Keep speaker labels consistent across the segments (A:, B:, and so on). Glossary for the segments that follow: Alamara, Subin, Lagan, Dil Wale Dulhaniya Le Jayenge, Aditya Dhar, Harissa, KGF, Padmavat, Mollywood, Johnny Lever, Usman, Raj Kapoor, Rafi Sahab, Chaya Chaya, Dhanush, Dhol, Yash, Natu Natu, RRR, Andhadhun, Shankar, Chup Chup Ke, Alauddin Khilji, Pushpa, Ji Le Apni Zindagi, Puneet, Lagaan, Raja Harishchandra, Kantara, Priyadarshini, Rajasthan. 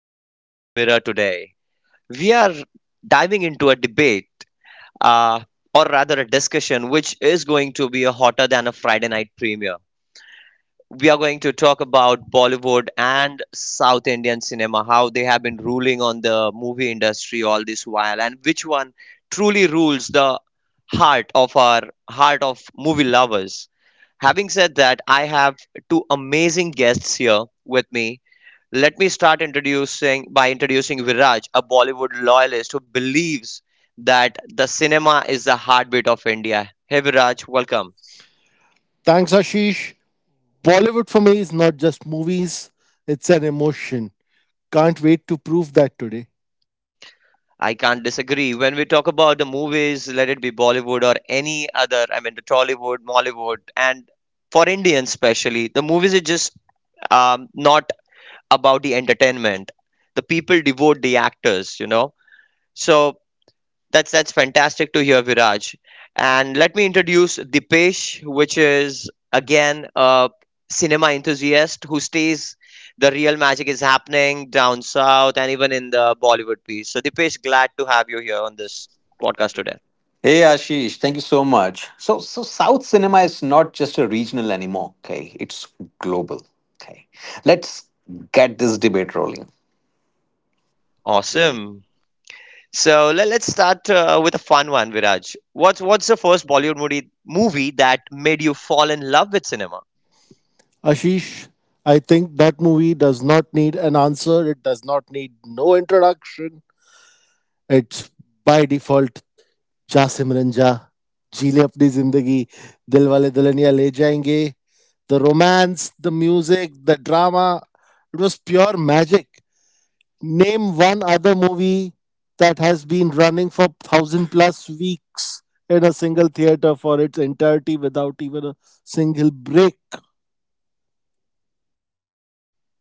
A: To Movie Mirror today. We are diving into a debate, uh, or rather a discussion, which is going to be hotter than a Friday night premiere. We are going to talk about Bollywood and South Indian cinema, how they have been ruling on the movie industry all this while, and which one truly rules the heart of our heart of movie lovers. Having said that, I have two amazing guests here with me. Let me start introducing Viraj, a Bollywood loyalist who believes that the cinema is the heartbeat of India. Hey Viraj, welcome.
B: Thanks, Ashish. Bollywood for me is not just movies, it's an emotion. Can't wait to prove that today.
A: I can't disagree. When we talk about the movies, let it be Bollywood or any other, I mean the Tollywood, Mollywood, and for Indians especially, the movies is just not about the entertainment. The people devote the actors, So that's fantastic to hear, Viraj. And let me introduce Dipesh, which is again a cinema enthusiast who stays the real magic is happening down south and even in the Bollywood piece. So Dipesh, glad to have you here on this podcast today.
C: Hey Ashish, thank you so much. So South cinema is not just a regional anymore, okay? It's global. Okay. Let's get this debate rolling.
A: Awesome. So let's start with a fun one, Viraj. What's the first Bollywood movie that made you fall in love with cinema?
B: Ashish, I think that movie does not need an answer, it does not need no introduction. It's by default Ja Simran Ja, Ji Le Apni Zindagi, Dil Wale Dulhaniya Le Jayenge. The romance, the music, the drama, it was pure magic. Name one other movie that has been running for thousand plus weeks in a single theater for its entirety without even a single break.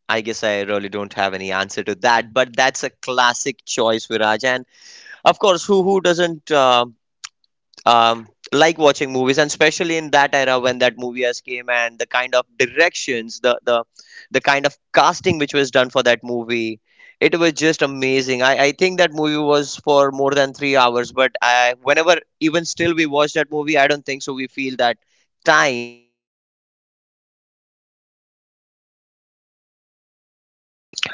A: I guess I really don't have any answer to that, but that's a classic choice, Viraj. And of course, who doesn't like watching movies, and especially in that era when that movie has came and the kind of directions, the the kind of casting which was done for that movie, it was just amazing. I think that movie was for more than 3 hours, but I whenever even still we watch that movie, I don't think so. We feel that time.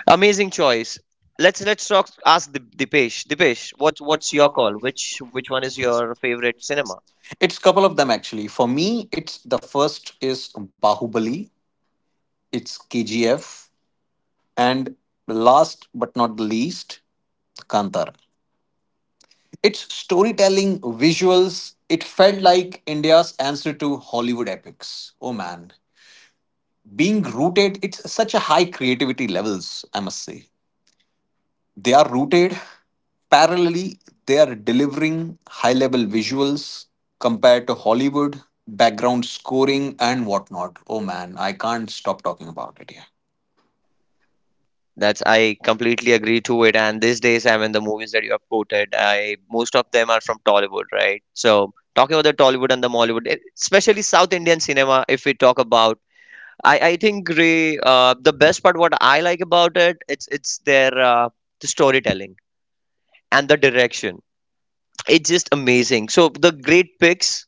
A: Amazing choice. Let's talk. Ask Dipesh. Dipesh, what's your call? Which one is your favorite cinema?
C: It's a couple of them actually. For me, it's the first is Bahubali, it's KGF, and last but not the least, Kantara. Its storytelling, visuals, it felt like India's answer to Hollywood epics. Oh man. Being rooted, it's such a high creativity levels, I must say. They are rooted. Parallelly, they are delivering high level visuals compared to Hollywood, background scoring, and whatnot. Oh man, I can't stop talking about it here.
A: That's, I completely agree to it. And these days, I mean, the movies that you have quoted, I most of them are from Tollywood, right? So talking about the Tollywood and the Mollywood, especially South Indian cinema, if we talk about, I think Ray, the best part what I like about it, it's their the storytelling and the direction. It's just amazing. So the great picks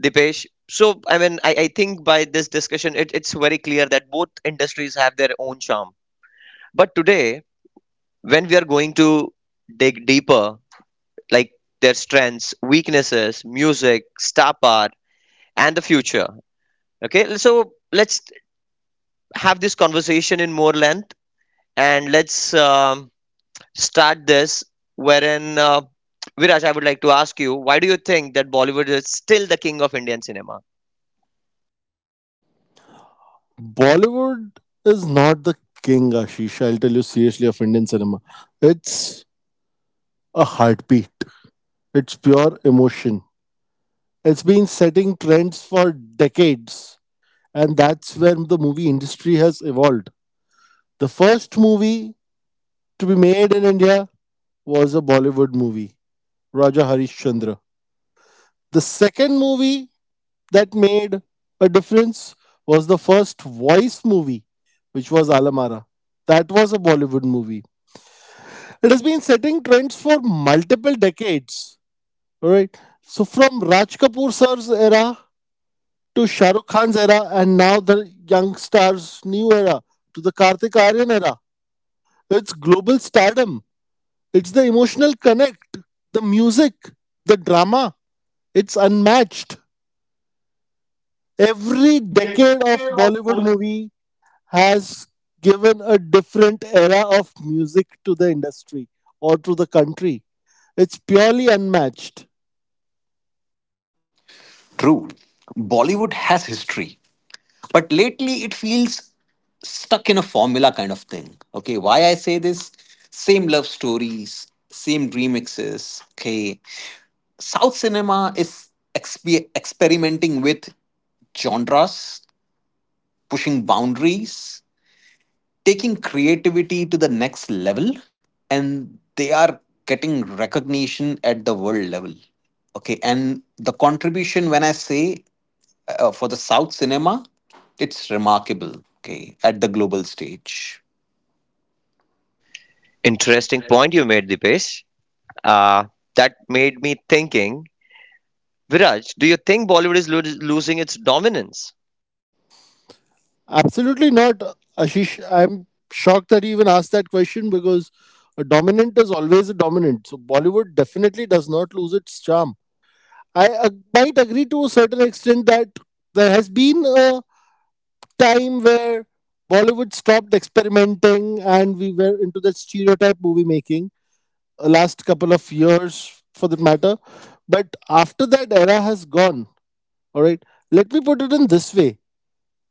A: Dipesh. So, I mean, I think by this discussion, it's very clear that both industries have their own charm. But today, when we are going to dig deeper, like their strengths, weaknesses, music, star power, and the future. Okay, so let's have this conversation in more length and let's start this. Wherein, Viraj, I would like to ask you, why do you think that Bollywood is still the king of Indian cinema?
B: Bollywood is not the king, Ashish. I'll tell you seriously of Indian cinema. It's a heartbeat, it's pure emotion. It's been setting trends for decades, and that's where the movie industry has evolved. The first movie to be made in India was a Bollywood movie. Raja Harishchandra. The second movie that made a difference was the first voice movie, which was Alamara. That was a Bollywood movie. It has been setting trends for multiple decades. All right. So from Raj Kapoor sir's era to Shah Rukh Khan's era, and now the young stars' new era to the Kartik Aaryan era. It's global stardom. It's the emotional connect, the music, the drama. It's unmatched. Every decade of Bollywood movie has given a different era of music to the industry or to the country. It's purely unmatched.
C: True, Bollywood has history, but lately it feels stuck in a formula kind of thing. Okay, why I say this? Same love stories, same remixes. Okay, South cinema is experimenting with genres, pushing boundaries, taking creativity to the next level, and they are getting recognition at the world level. Okay, and the contribution, when I say, for the South cinema, it's remarkable, okay, at the global stage.
A: Interesting point you made, Dipesh. Uh, that made me thinking, Viraj, do you think Bollywood is losing its dominance?
B: Absolutely not, Ashish. I'm shocked that you even asked that question because a dominant is always a dominant. So Bollywood definitely does not lose its charm. I might agree to a certain extent that there has been a time where Bollywood stopped experimenting and we were into that stereotype movie making last couple of years for that matter. But after that era has gone, all right, let me put it in this way,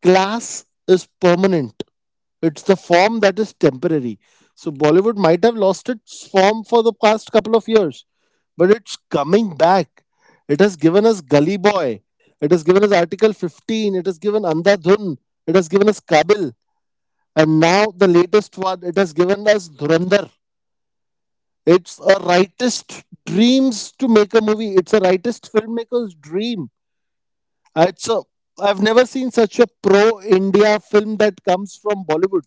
B: class is permanent, it's the form that is temporary. So Bollywood might have lost its form for the past couple of years, but it's coming back. It has given us Gully Boy, it has given us Article 15, it has given Andhadhun, it has given us Kabil and now the latest one, it has given us Dhurandhar. It's a rightist dreams to make a movie. It's a rightist filmmaker's dream. Uh, It's a, I've never seen such a pro-India film that comes from Bollywood.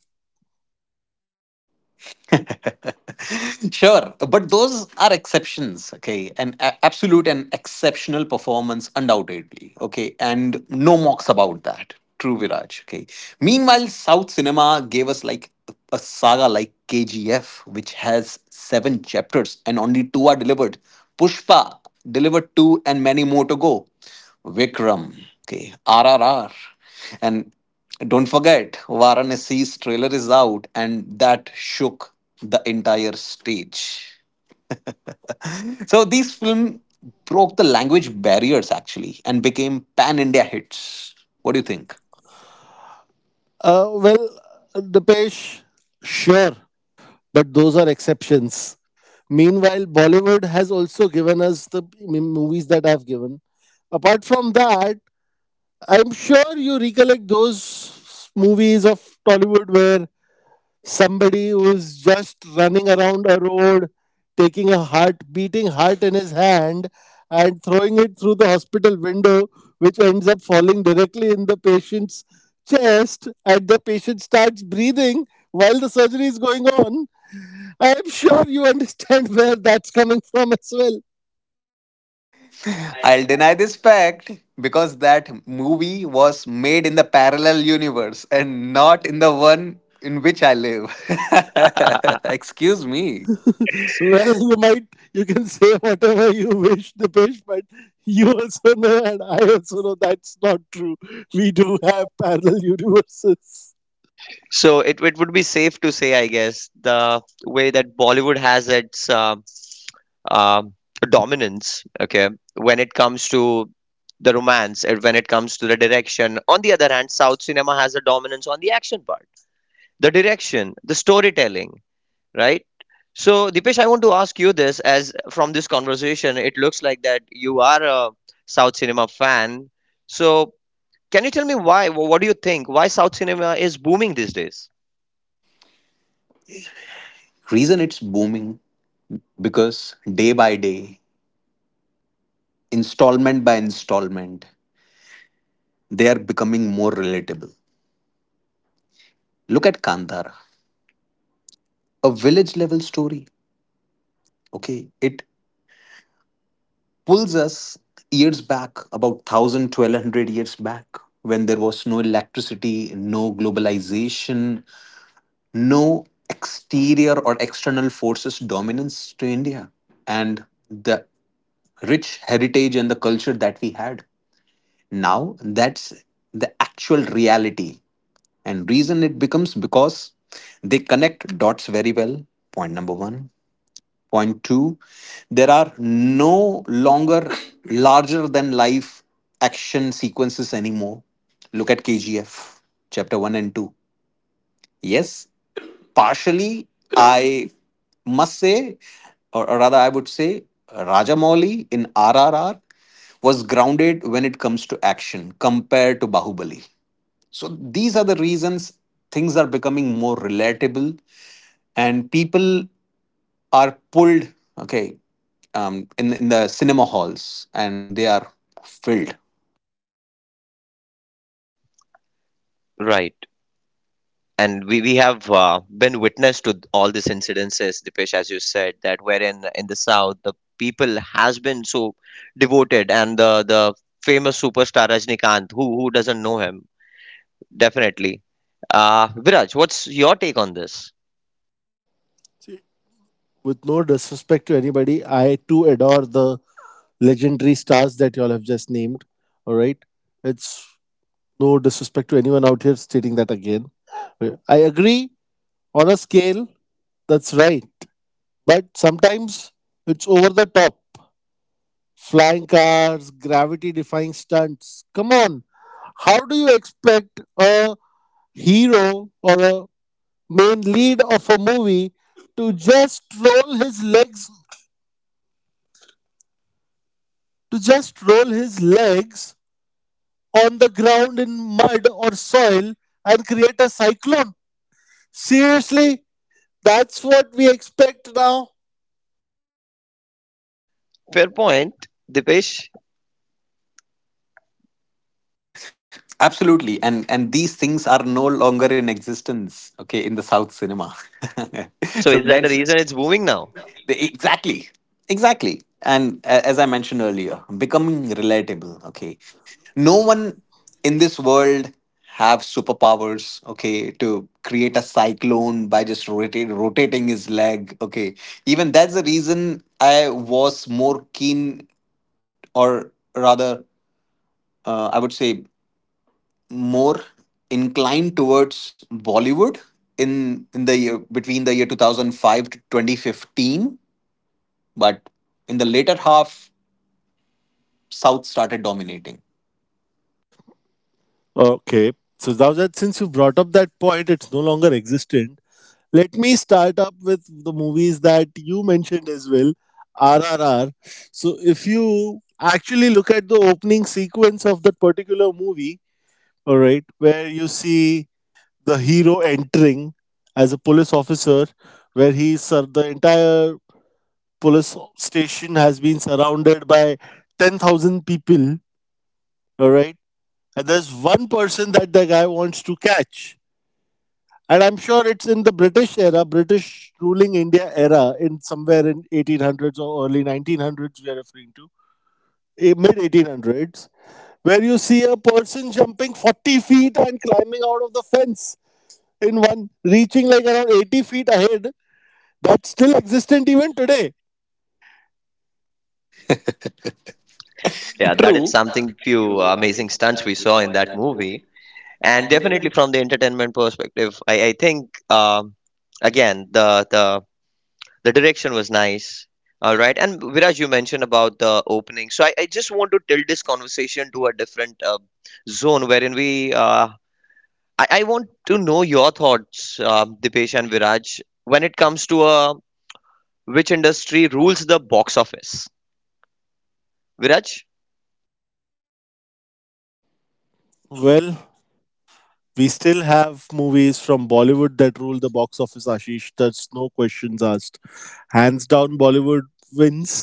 C: Sure, but those are exceptions, okay, an absolute and exceptional performance, undoubtedly, okay, and no mocks about that. True, Viraj. Okay, meanwhile South cinema gave us like a saga like KGF, which has seven chapters and only two are delivered. Pushpa delivered two and many more to go. Vikram, okay. RRR. And don't forget, Varanasi's trailer is out, and that shook the entire stage. So these films broke the language barriers actually and became pan India hits. What do you think?
B: Well, Dipesh, sure, but those are exceptions. Meanwhile, Bollywood has also given us the movies that I've given. Apart from that, I'm sure you recollect those movies of Tollywood where somebody who's just running around a road, taking a heart, beating heart in his hand, and throwing it through the hospital window, which ends up falling directly in the patient's chest, and the patient starts breathing while the surgery is going on. I'm sure you understand where that's coming from as well.
C: I'll deny this fact because that movie was made in the parallel universe and not in the one in which I live. Excuse me.
B: Well, you can say whatever you wish, the Dipesh, but you also know, and I also know that's not true. We do have parallel universes.
A: So it would be safe to say, I guess, the way that Bollywood has its um dominance, okay, when it comes to the romance, and when it comes to the direction. On the other hand, South cinema has a dominance on the action part, the direction, the storytelling, right? So, Dipesh, I want to ask you this as from this conversation, it looks like that you are a South cinema fan. So, can you tell me why? What do you think? Why South cinema is booming these days?
C: Reason it's booming because day by day, installment by installment, they are becoming more relatable. Look at Kandhara, a village level story. Okay, it pulls us years back, about 1000 1200 years back, when there was no electricity, no globalization, no exterior or external forces dominance to India, and the rich heritage and the culture that we had. Now, that's the actual reality. And reason it becomes because they connect dots very well. Point number one. Point two, there are no longer larger than life action sequences anymore. Look at KGF, chapter one and two. Yes, partially, I must say, or rather, I would say, Rajamouli in RRR was grounded when it comes to action compared to Bahubali. So these are the reasons things are becoming more relatable and people are pulled, okay, in the cinema halls and they are filled.
A: Right. And we have been witness to all these incidences, Dipesh, as you said, that wherein in the South, the people has been so devoted and the famous superstar Rajnikant, who doesn't know him? Definitely. Viraj, what's your take on this?
B: With no disrespect to anybody, I too adore the legendary stars that y'all have just named. All right, it's no disrespect to anyone out here stating that again. I agree on a scale, that's right, but sometimes it's over the top. Flying cars, gravity defying stunts. Come on. How do you expect a hero or a main lead of a movie to just roll his legs to just roll his legs on the ground in mud or soil and create a cyclone? Seriously? That's what we expect now?
A: Fair point, Dipesh.
C: Absolutely. And these things are no longer in existence, okay, in the South cinema.
A: So
C: so
A: is that the
C: that's
A: reason it's booming now?
C: Exactly. Exactly. And as I mentioned earlier, becoming relatable. Okay. No one in this world have superpowers, okay, to create a cyclone by just rotating his leg. Okay. Even that's the reason I was more keen, or rather, I would say more inclined towards Bollywood in the year, between the year 2005 to 2015, but in the later half, South started dominating.
B: Okay. So now that since you brought up that point, it's no longer existent. Let me start up with the movies that you mentioned as well, RRR. So, if you actually look at the opening sequence of that particular movie, all right, where you see the hero entering as a police officer, where the entire police station has been surrounded by 10,000 people, all right, and there's one person that the guy wants to catch. And I'm sure it's in the British era, British ruling India era, in somewhere in 1800s or early 1900s we are referring to, mid 1800s, where you see a person jumping 40 feet and climbing out of the fence in one, reaching like around 80 feet ahead. That's still existent even today.
A: Yeah, that is
C: Yeah,
A: something few amazing stunts we saw in that movie. And definitely from the entertainment perspective, I think again the the direction was nice. All right, and Viraj, you mentioned about the opening, so I just want to tilt this conversation to a different zone wherein we. I want to know your thoughts, Dipesh and Viraj, when it comes to which industry rules the box office. Viraj,
B: Well, we still have movies from Bollywood that rule the box office, Ashish. That's no questions asked. Hands down Bollywood wins.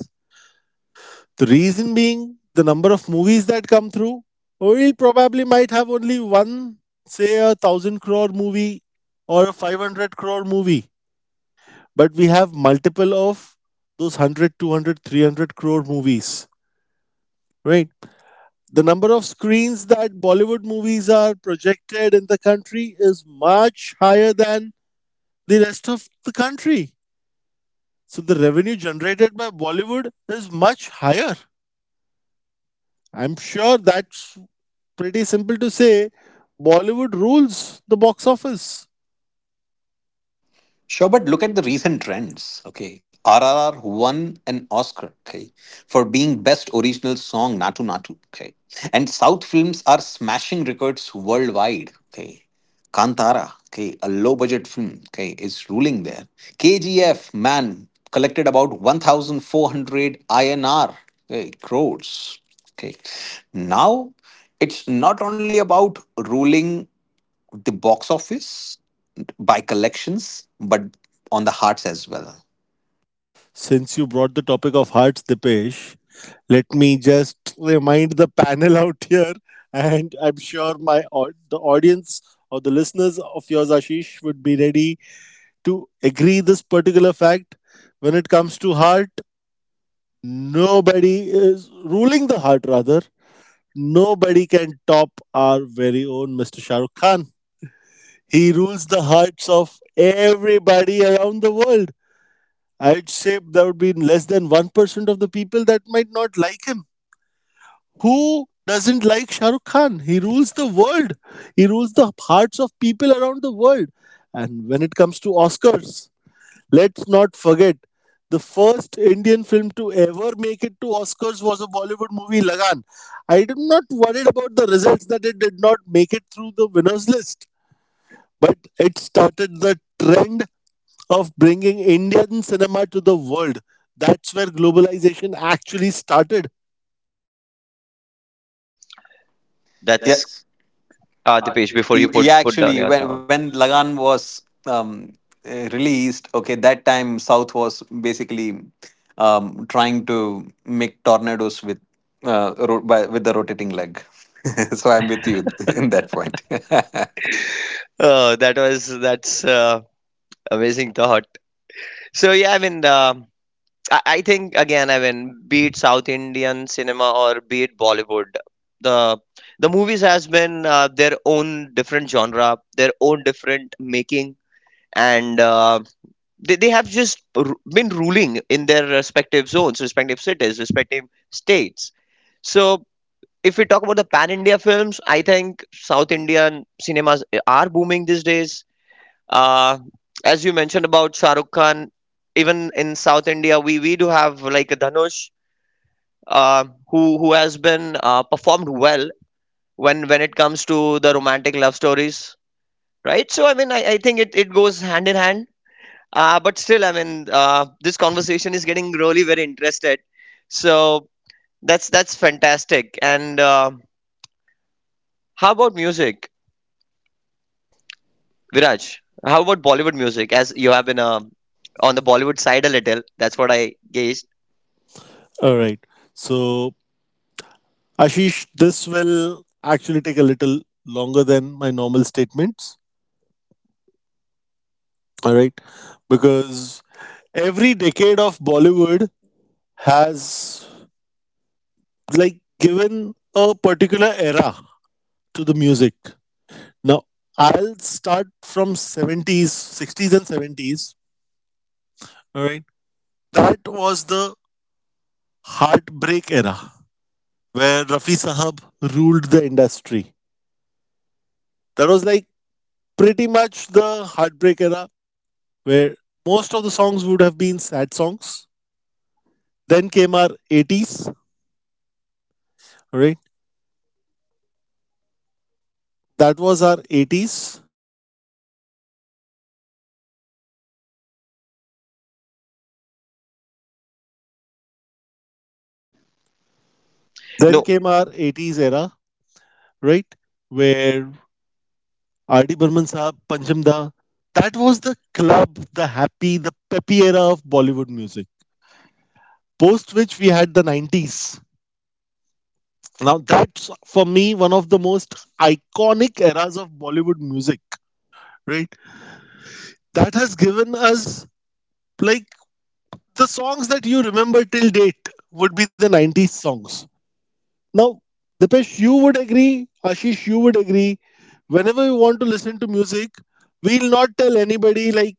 B: The reason being the number of movies that come through. We probably might have only one, say a thousand crore movie or a 500 crore movie, but we have multiple of those 100, 200, 300 crore movies, right? The number of screens that Bollywood movies are projected in the country is much higher than the rest of the country. So the revenue generated by Bollywood is much higher. I'm sure that's pretty simple to say Bollywood rules the box office.
C: sure, but look at the recent trends. Okay, RRR won an Oscar. Okay, for being best original song Natu Natu. Okay, and South films are smashing records worldwide. Okay, Kantara. Okay, a low budget film, okay, is ruling there. KGF man collected about 1,400 INR, okay, crores. Okay, now it's not only about ruling the box office by collections, but on the hearts as well.
B: Since you brought the topic of hearts, Dipesh, let me just remind the panel out here, and I'm sure my the audience or the listeners of yours, Ashish, would be ready to agree this particular fact. When it comes to heart, nobody is ruling the heart. Rather, nobody can top our very own Mr. Shahrukh Khan. He rules the hearts of everybody around the world. I'd say there would be less than 1% of the people that might not like him. Who doesn't like Shah Rukh Khan? He rules the world. He rules the hearts of people around the world. And when it comes to Oscars, let's not forget the first Indian film to ever make it to Oscars was a Bollywood movie, Lagan. I'm not worried about the results that it did not make it through the winners list, but it started the trend of bringing Indian cinema to the world. That's where globalization actually started.
A: that's
C: Yes.
A: the page before you
C: Yeah.
A: put down
C: Actually,
A: your
C: when
A: town.
C: when Lagan was released, okay, that time South was basically trying to make tornadoes with with the rotating leg. So I'm with you in that point.
A: Oh, that was that's amazing thought. So yeah, I mean, I think again, I mean, be it South Indian cinema or be it Bollywood, the the movies has been their own different genre, their own different making, and they have just been ruling in their respective zones, respective cities, respective states. So if we talk about the pan India films, I think South Indian cinemas are booming these days. Uh, as you mentioned about Shah Rukh Khan, even in South India, we do have like a Dhanush who has been performed well when it comes to the romantic love stories, right? So I mean, I think it goes hand in hand. But still, I mean, this conversation is getting really very interested. So that's fantastic. And how about music? Viraj, how about Bollywood music? As you have been on the Bollywood side a little, that's what I gauged.
B: All right. So, Ashish, this will actually take a little longer than my normal statements. All right. Because every decade of Bollywood has like given a particular era to the music. Now, I'll start from 70s, 60s and 70s. All right. That was the heartbreak era, where Rafi Sahab ruled the industry. That was like pretty much the heartbreak era where most of the songs would have been sad songs. Then came our 80s, right? That was our 80s. Then
A: No,
B: came our 80s era, right? Where R.D. Burman Saab, Pancham Da, that was the club, the happy, the peppy era of Bollywood music. Post which we had the 90s. Now that's for me one of the most iconic eras of Bollywood music, right? That has given us like the songs that you remember till date would be the 90s songs. Now, Dipesh, you would agree, Ashish, you would agree. Whenever we want to listen to music, we'll not tell anybody, like,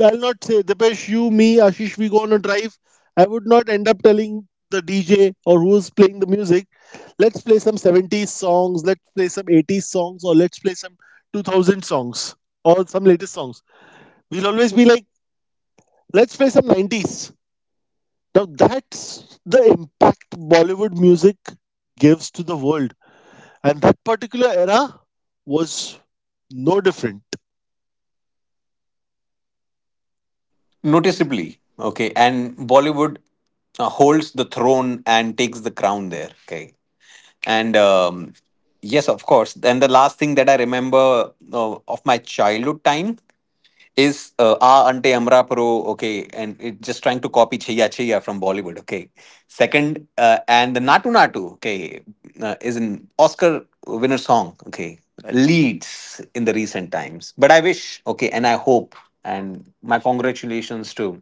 B: I'll not say, Dipesh, you, me, Ashish, we go on a drive. I would not end up telling the DJ or who's playing the music, let's play some 70s songs, let's play some 80s songs, or let's play some 2000 songs, or some latest songs. We'll always be like, let's play some 90s. Now, that's the impact Bollywood music gives to the world and that particular era was no different.
C: Noticeably, okay, and Bollywood holds the throne and takes the crown there. Okay. And yes, of course. And the last thing that I remember, of my childhood time, is Ah Ante Amra Pro, okay, and it just trying to copy Chaya Chaya from Bollywood, okay. Second, and the Natu Natu, okay, is an Oscar winner song, okay, leads in the recent times. But I wish, okay, and I hope, and my congratulations to,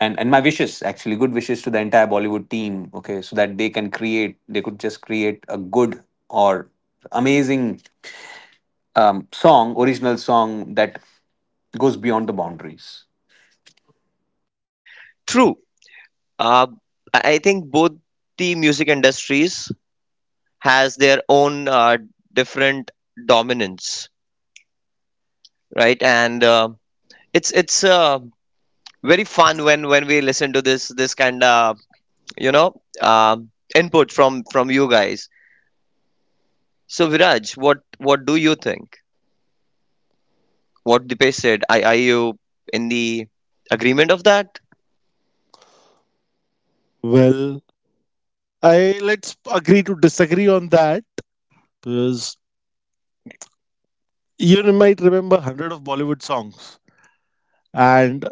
C: and my wishes, actually, good wishes to the entire Bollywood team, okay, so that they could just create a good or amazing song original song that goes beyond the boundaries.
A: true. Uh, I think both the music industries has their own different dominance, right? And it's very fun when we listen to this kind of you know input from you guys. So Viraj, what do you think? What Dipesh said? Are you in the agreement of that?
B: Well, I, let's agree to disagree on that because you might remember hundred of Bollywood songs, and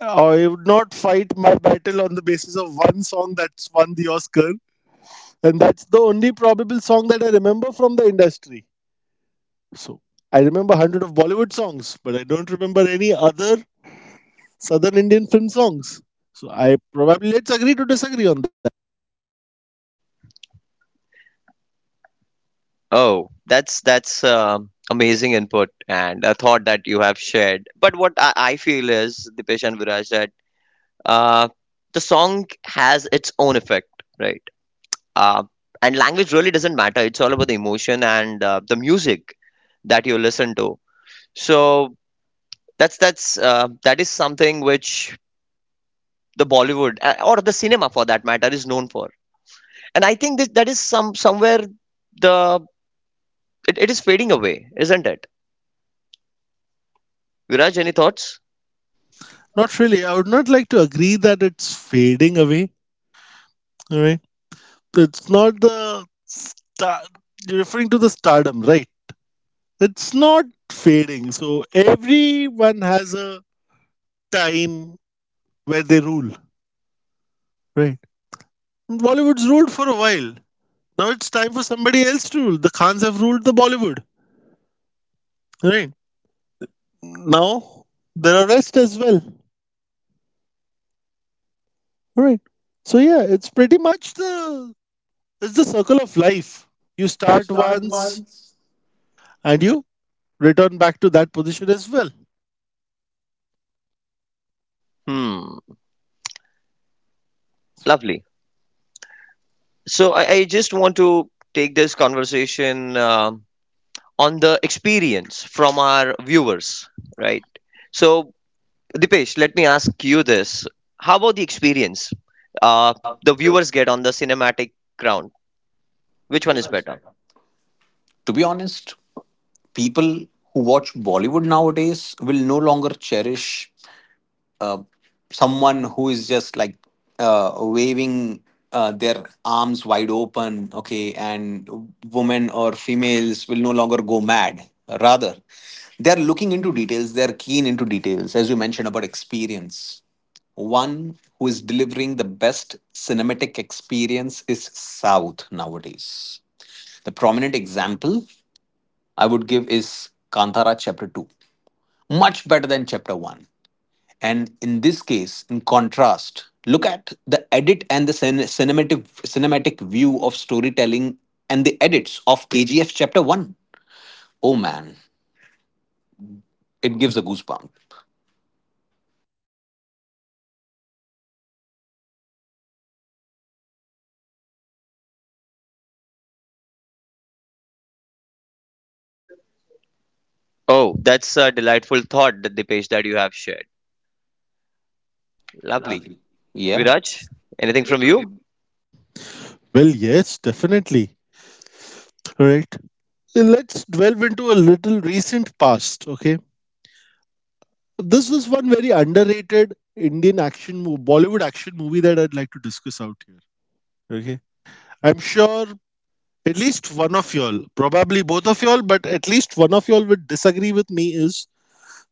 B: I would not fight my battle on the basis of one song that's won the Oscar, and that's the only probable song that I remember from the industry. So I remember hundred of Bollywood songs, but I don't remember any other Southern Indian film songs. So I probably let's agree to disagree on.
A: Oh, that's amazing input and a thought that you have shared. But what I feel is, Dipesh and Viraj, that uh, the song has its own effect, right? Uh, and language really doesn't matter. It's all about the emotion and the music that you listen to. So that is something which the Bollywood or the cinema, for that matter, is known for. And I think that that is some somewhere the it is fading away, isn't it? Viraj, any thoughts?
B: Not really. I would not like to agree that it's fading away. All right. It's not the star. You're referring to the stardom, right? It's not fading. So everyone has a time where they rule, right? And Bollywood's ruled for a while. Now it's time for somebody else to rule. The Khans have ruled the Bollywood, right? Now there are rest as well, right? So yeah, it's pretty much the, it's the circle of life. You
C: You
B: start
C: start
B: once
C: once.
B: and you return back to that position as well?
A: Hmm, lovely. So I just want to take this conversation on the experience from our viewers, right? So, Dipesh, let me ask you this. How about the experience uh, the viewers get on the cinematic ground? Which one is better?
C: To be honest, people who watch Bollywood nowadays will no longer cherish uh, someone who is just like, uh, waving their arms wide open, okay, and women or females will no longer go mad. Rather, they're looking into details, they're keen into details, as you mentioned about experience. One who is delivering the best cinematic experience is South nowadays. The prominent example I would give is Kantara Chapter 2. Much better than Chapter 1. And in this case, in contrast, look at the edit and the cinematic view of storytelling and the edits of AGF Chapter One. Oh man, it gives a goosebump.
D: Oh, that's a delightful thought, that the page that you have shared. Lovely.
C: Y- Yeah.
D: Viraj, anything from you?
B: Well, yes, definitely. Right. Let's delve into a little recent past. Okay. This is one very underrated Indian action, Bollywood action movie that I'd like to discuss out here. Okay. I'm sure at least one of y'all, probably both of y'all, but at least one of y'all would disagree with me is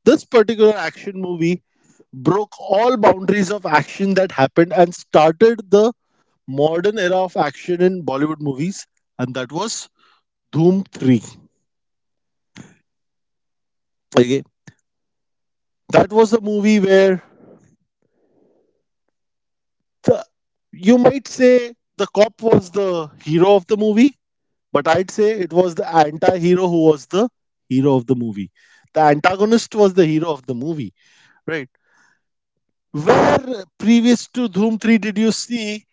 B: this particular action movie broke all boundaries of action that happened and started the modern era of action in Bollywood movies, and that was Dhoom 3. Okay, that was the movie where the, you might say the cop was the hero of the movie, but I'd say it was the anti hero who was the hero of the movie. The antagonist was the hero of the movie, right? Where previous to Dhoom 3 did you see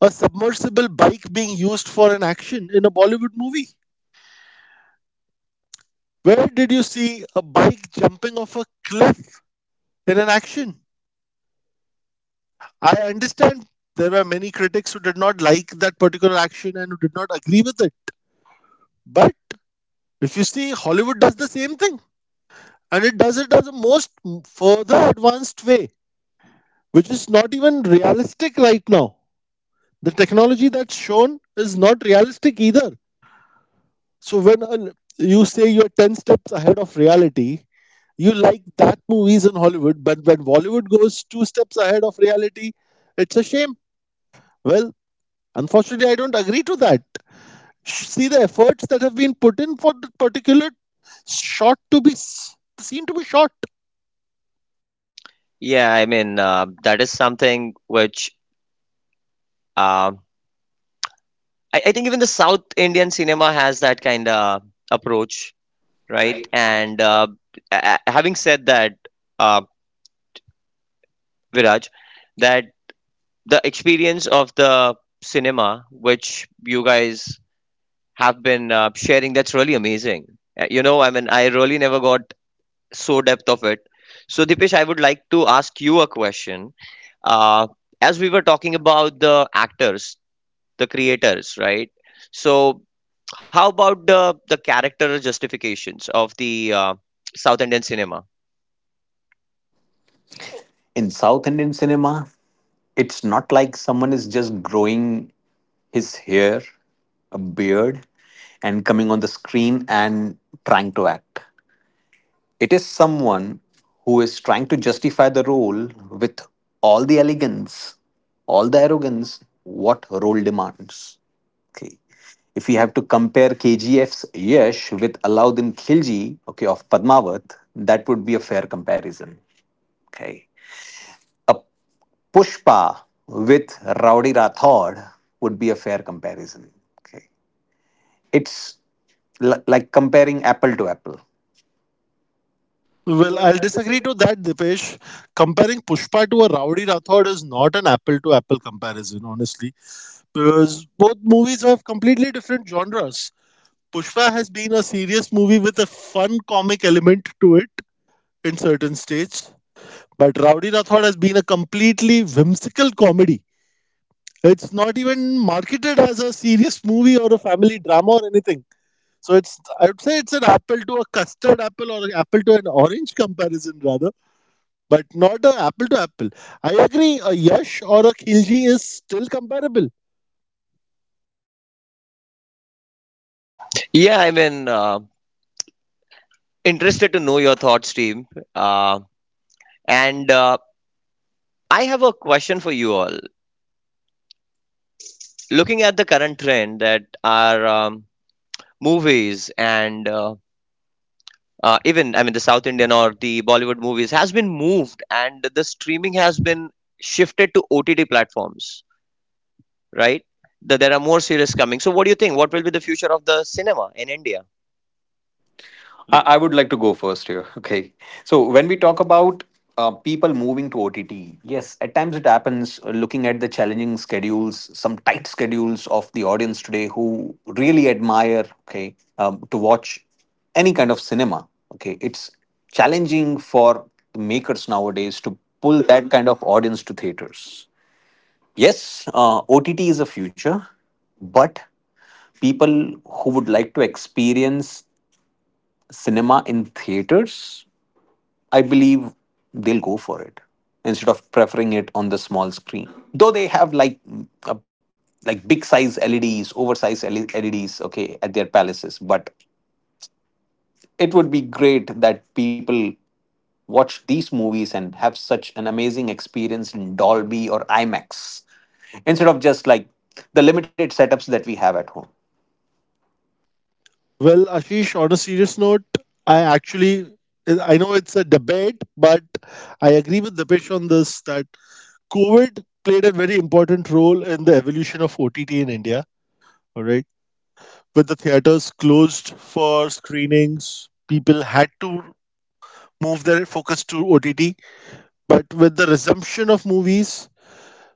B: a submersible bike being used for an action in a Bollywood movie? Where did you see a bike jumping off a cliff in an action? I understand there were many critics who did not like that particular action and who did not agree with it. But if you see, Hollywood does the same thing, and it does it as a most further advanced way, which is not even realistic right now. The technology that's shown is not realistic either. So when you say you're 10 steps ahead of reality, you like that movies in Hollywood, but when Bollywood goes two steps ahead of reality, it's a shame. Well, unfortunately, I don't agree to that. See the efforts that have been put in for the particular shot to be seen to be shot.
D: Yeah, I mean, that is something which um I think even the South Indian cinema has that kind of approach, right? And having said that, uh, Viraj, that the experience of the cinema which you guys have been sharing, that's really amazing. You know, I mean, I really never got so depth of it. So Dipesh, I would like to ask you a question. Uh, as we were talking about the actors, the creators, right? So how about the character justifications of the South Indian cinema?
C: In South Indian cinema, it's not like someone is just growing his hair, a beard, and coming on the screen and trying to act. It is someone who is trying to justify the role with all the elegance, all the arrogance, what role demands. Okay. If we have to compare KGF's Yash with Alauddin Khilji, okay, of Padmavat, that would be a fair comparison. Okay. A Pushpa with Rowdy Rathod would be a fair comparison. Okay. It's like comparing apple to apple.
B: Well, I'll disagree to that, Dipesh. Comparing Pushpa to a Rowdy Rathod is not an apple to apple comparison, honestly, because both movies have completely different genres. Pushpa has been a serious movie with a fun comic element to it in certain stages, but Rowdy Rathod has been a completely whimsical comedy. It's not even marketed as a serious movie or a family drama or anything. So it's I would say it's an apple to a custard apple or an apple to an orange comparison rather, but not an apple to apple. I agree. A Yash or a Khilji is still comparable.
A: Yeah, I mean, interested to know your thoughts, team. Uh, and I have a question for you all. Looking at the current trend that are movies and even, I mean, the South Indian or the Bollywood movies has been moved and the streaming has been shifted to OTT platforms, right? That there are more series coming. So, what do you think? What will be the future of the cinema in India?
C: I,
A: Dip-
C: I would like to go first here. Okay. So, when we talk about, people moving to OTT, yes, at times it happens, looking at the challenging schedules, some tight schedules of the audience today who really admire, okay, to watch any kind of cinema. Okay. It's challenging for the makers nowadays to pull that kind of audience to theaters. Yes, OTT is a future, but people who would like to experience cinema in theaters, I believe they'll go for it instead of preferring it on the small screen. Though they have like like big size LEDs, oversized LEDs, okay, at their palaces, but it would be great that people watch these movies and have such an amazing experience in Dolby or IMAX instead of just like the limited setups that we have at home.
B: Well, Ashish, on a serious note, I actually, I know it's a debate, but I agree with Dipesh on this that COVID played a very important role in the evolution of OTT in India. All right, with the theaters closed for screenings, people had to move their focus to OTT. But with the resumption of movies,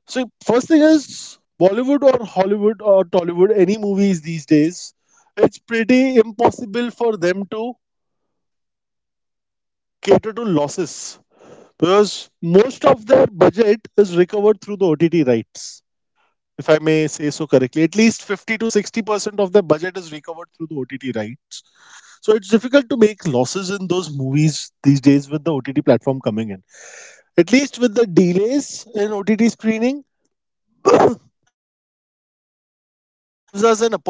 B: so first thing is Bollywood or Hollywood or Tollywood, any movies these days, it's pretty impossible for them to cater to losses because most of their budget is recovered through the OTT rights, if I may say so correctly. At least 50 to 60% of their budget is recovered through the OTT right. So it's difficult to make losses in those movies these days with the OTT platform coming in. At least with the delays in OTT screening, it gives us an opportunity to rather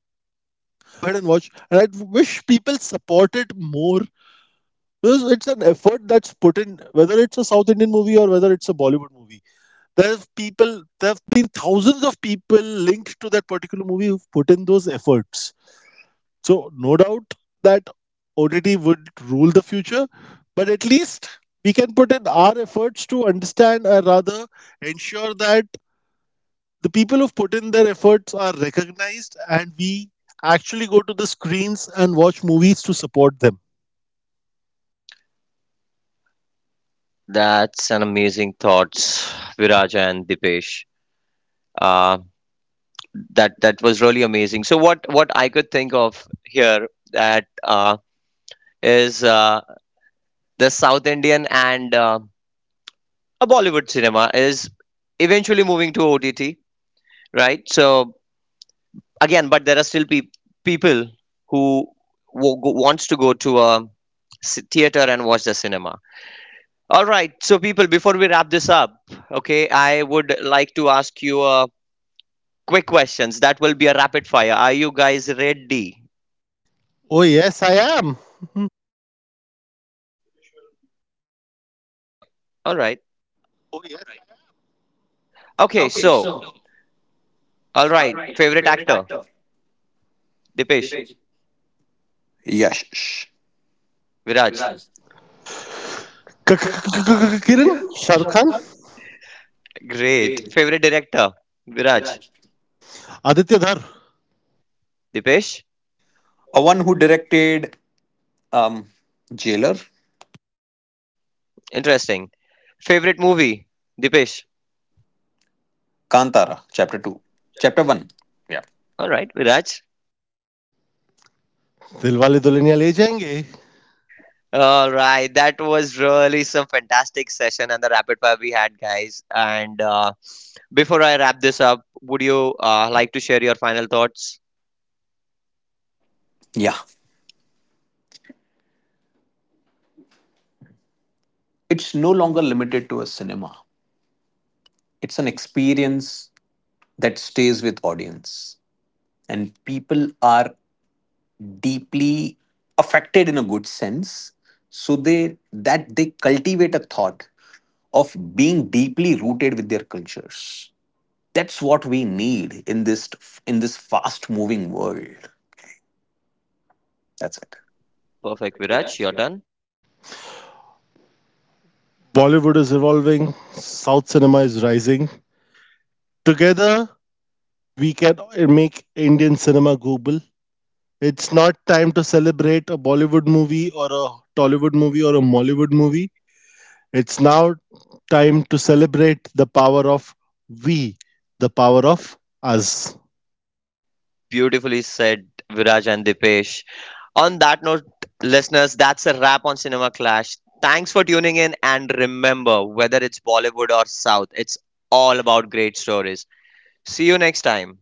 B: go ahead and watch. And I wish people support it more because it's an effort that's put in, whether it's a South Indian movie or whether it's a Bollywood movie. There have been thousands of people linked to that particular movie who've put in those efforts. So no doubt that OTT would rule the future, but at least we can put in our efforts to understand or rather ensure that the people who've put in their efforts are recognized and we actually go to the screens and watch movies to support them.
A: That's an amazing thoughts, Viraja and Dipesh. Uh, that was really amazing. So what I could think of here that is the South Indian and a Bollywood cinema is eventually moving to OTT, right? So again, but there are still people who wants to go to a theater and watch the cinema. All right, so people, before we wrap this up, okay, I would like to ask you quick questions. That will be a rapid fire. Are you guys ready?
B: Oh, yes, I am.
A: All right. Okay,
E: Okay,
A: so
E: so,
A: All
E: all
A: right.
E: right.
A: Favorite
E: Favorite
A: actor?
E: actor?
A: Dipesh.
E: Dipesh. Yash.
A: Viraj.
E: Viraj.
B: Kiran.
E: Kiran.
B: Shahrukh Khan.
E: Shankar.
A: Great.
E: Great.
A: Favorite director? Viraj.
E: Viraj.
B: Aditya Dhar.
A: Dipesh.
E: A one who directed um, Jailer,
A: Interesting. Favorite movie? Dipesh.
E: Kantara, Chapter 2. Chapter 1. Yeah.
A: All right. Viraj.
B: Dilwale Dulhaniya Le Jayenge.
A: All right. That was really some fantastic session and the rapid fire we had, guys. And before I wrap this up, would you like to share your final thoughts?
E: Yeah. It's no longer limited to a cinema. It's an experience that stays with audience. And people are deeply affected in a good sense so they that they cultivate a thought of being deeply rooted with their cultures. That's what we need in this, in this fast moving world. That's
A: Perfect. Viraj, your
E: it.
A: turn.
B: Bollywood is evolving, South cinema is rising. Together we can make Indian cinema global. It's not time to celebrate a Bollywood movie or a Tollywood movie or a Mollywood movie. It's now time to celebrate the power of we, the power of us.
A: Beautifully said, Viraj and Dipesh. On that note, listeners, that's a wrap on Cinema Clash. Thanks for tuning in, and remember whether it's Bollywood or South, it's all about great stories. See you next time.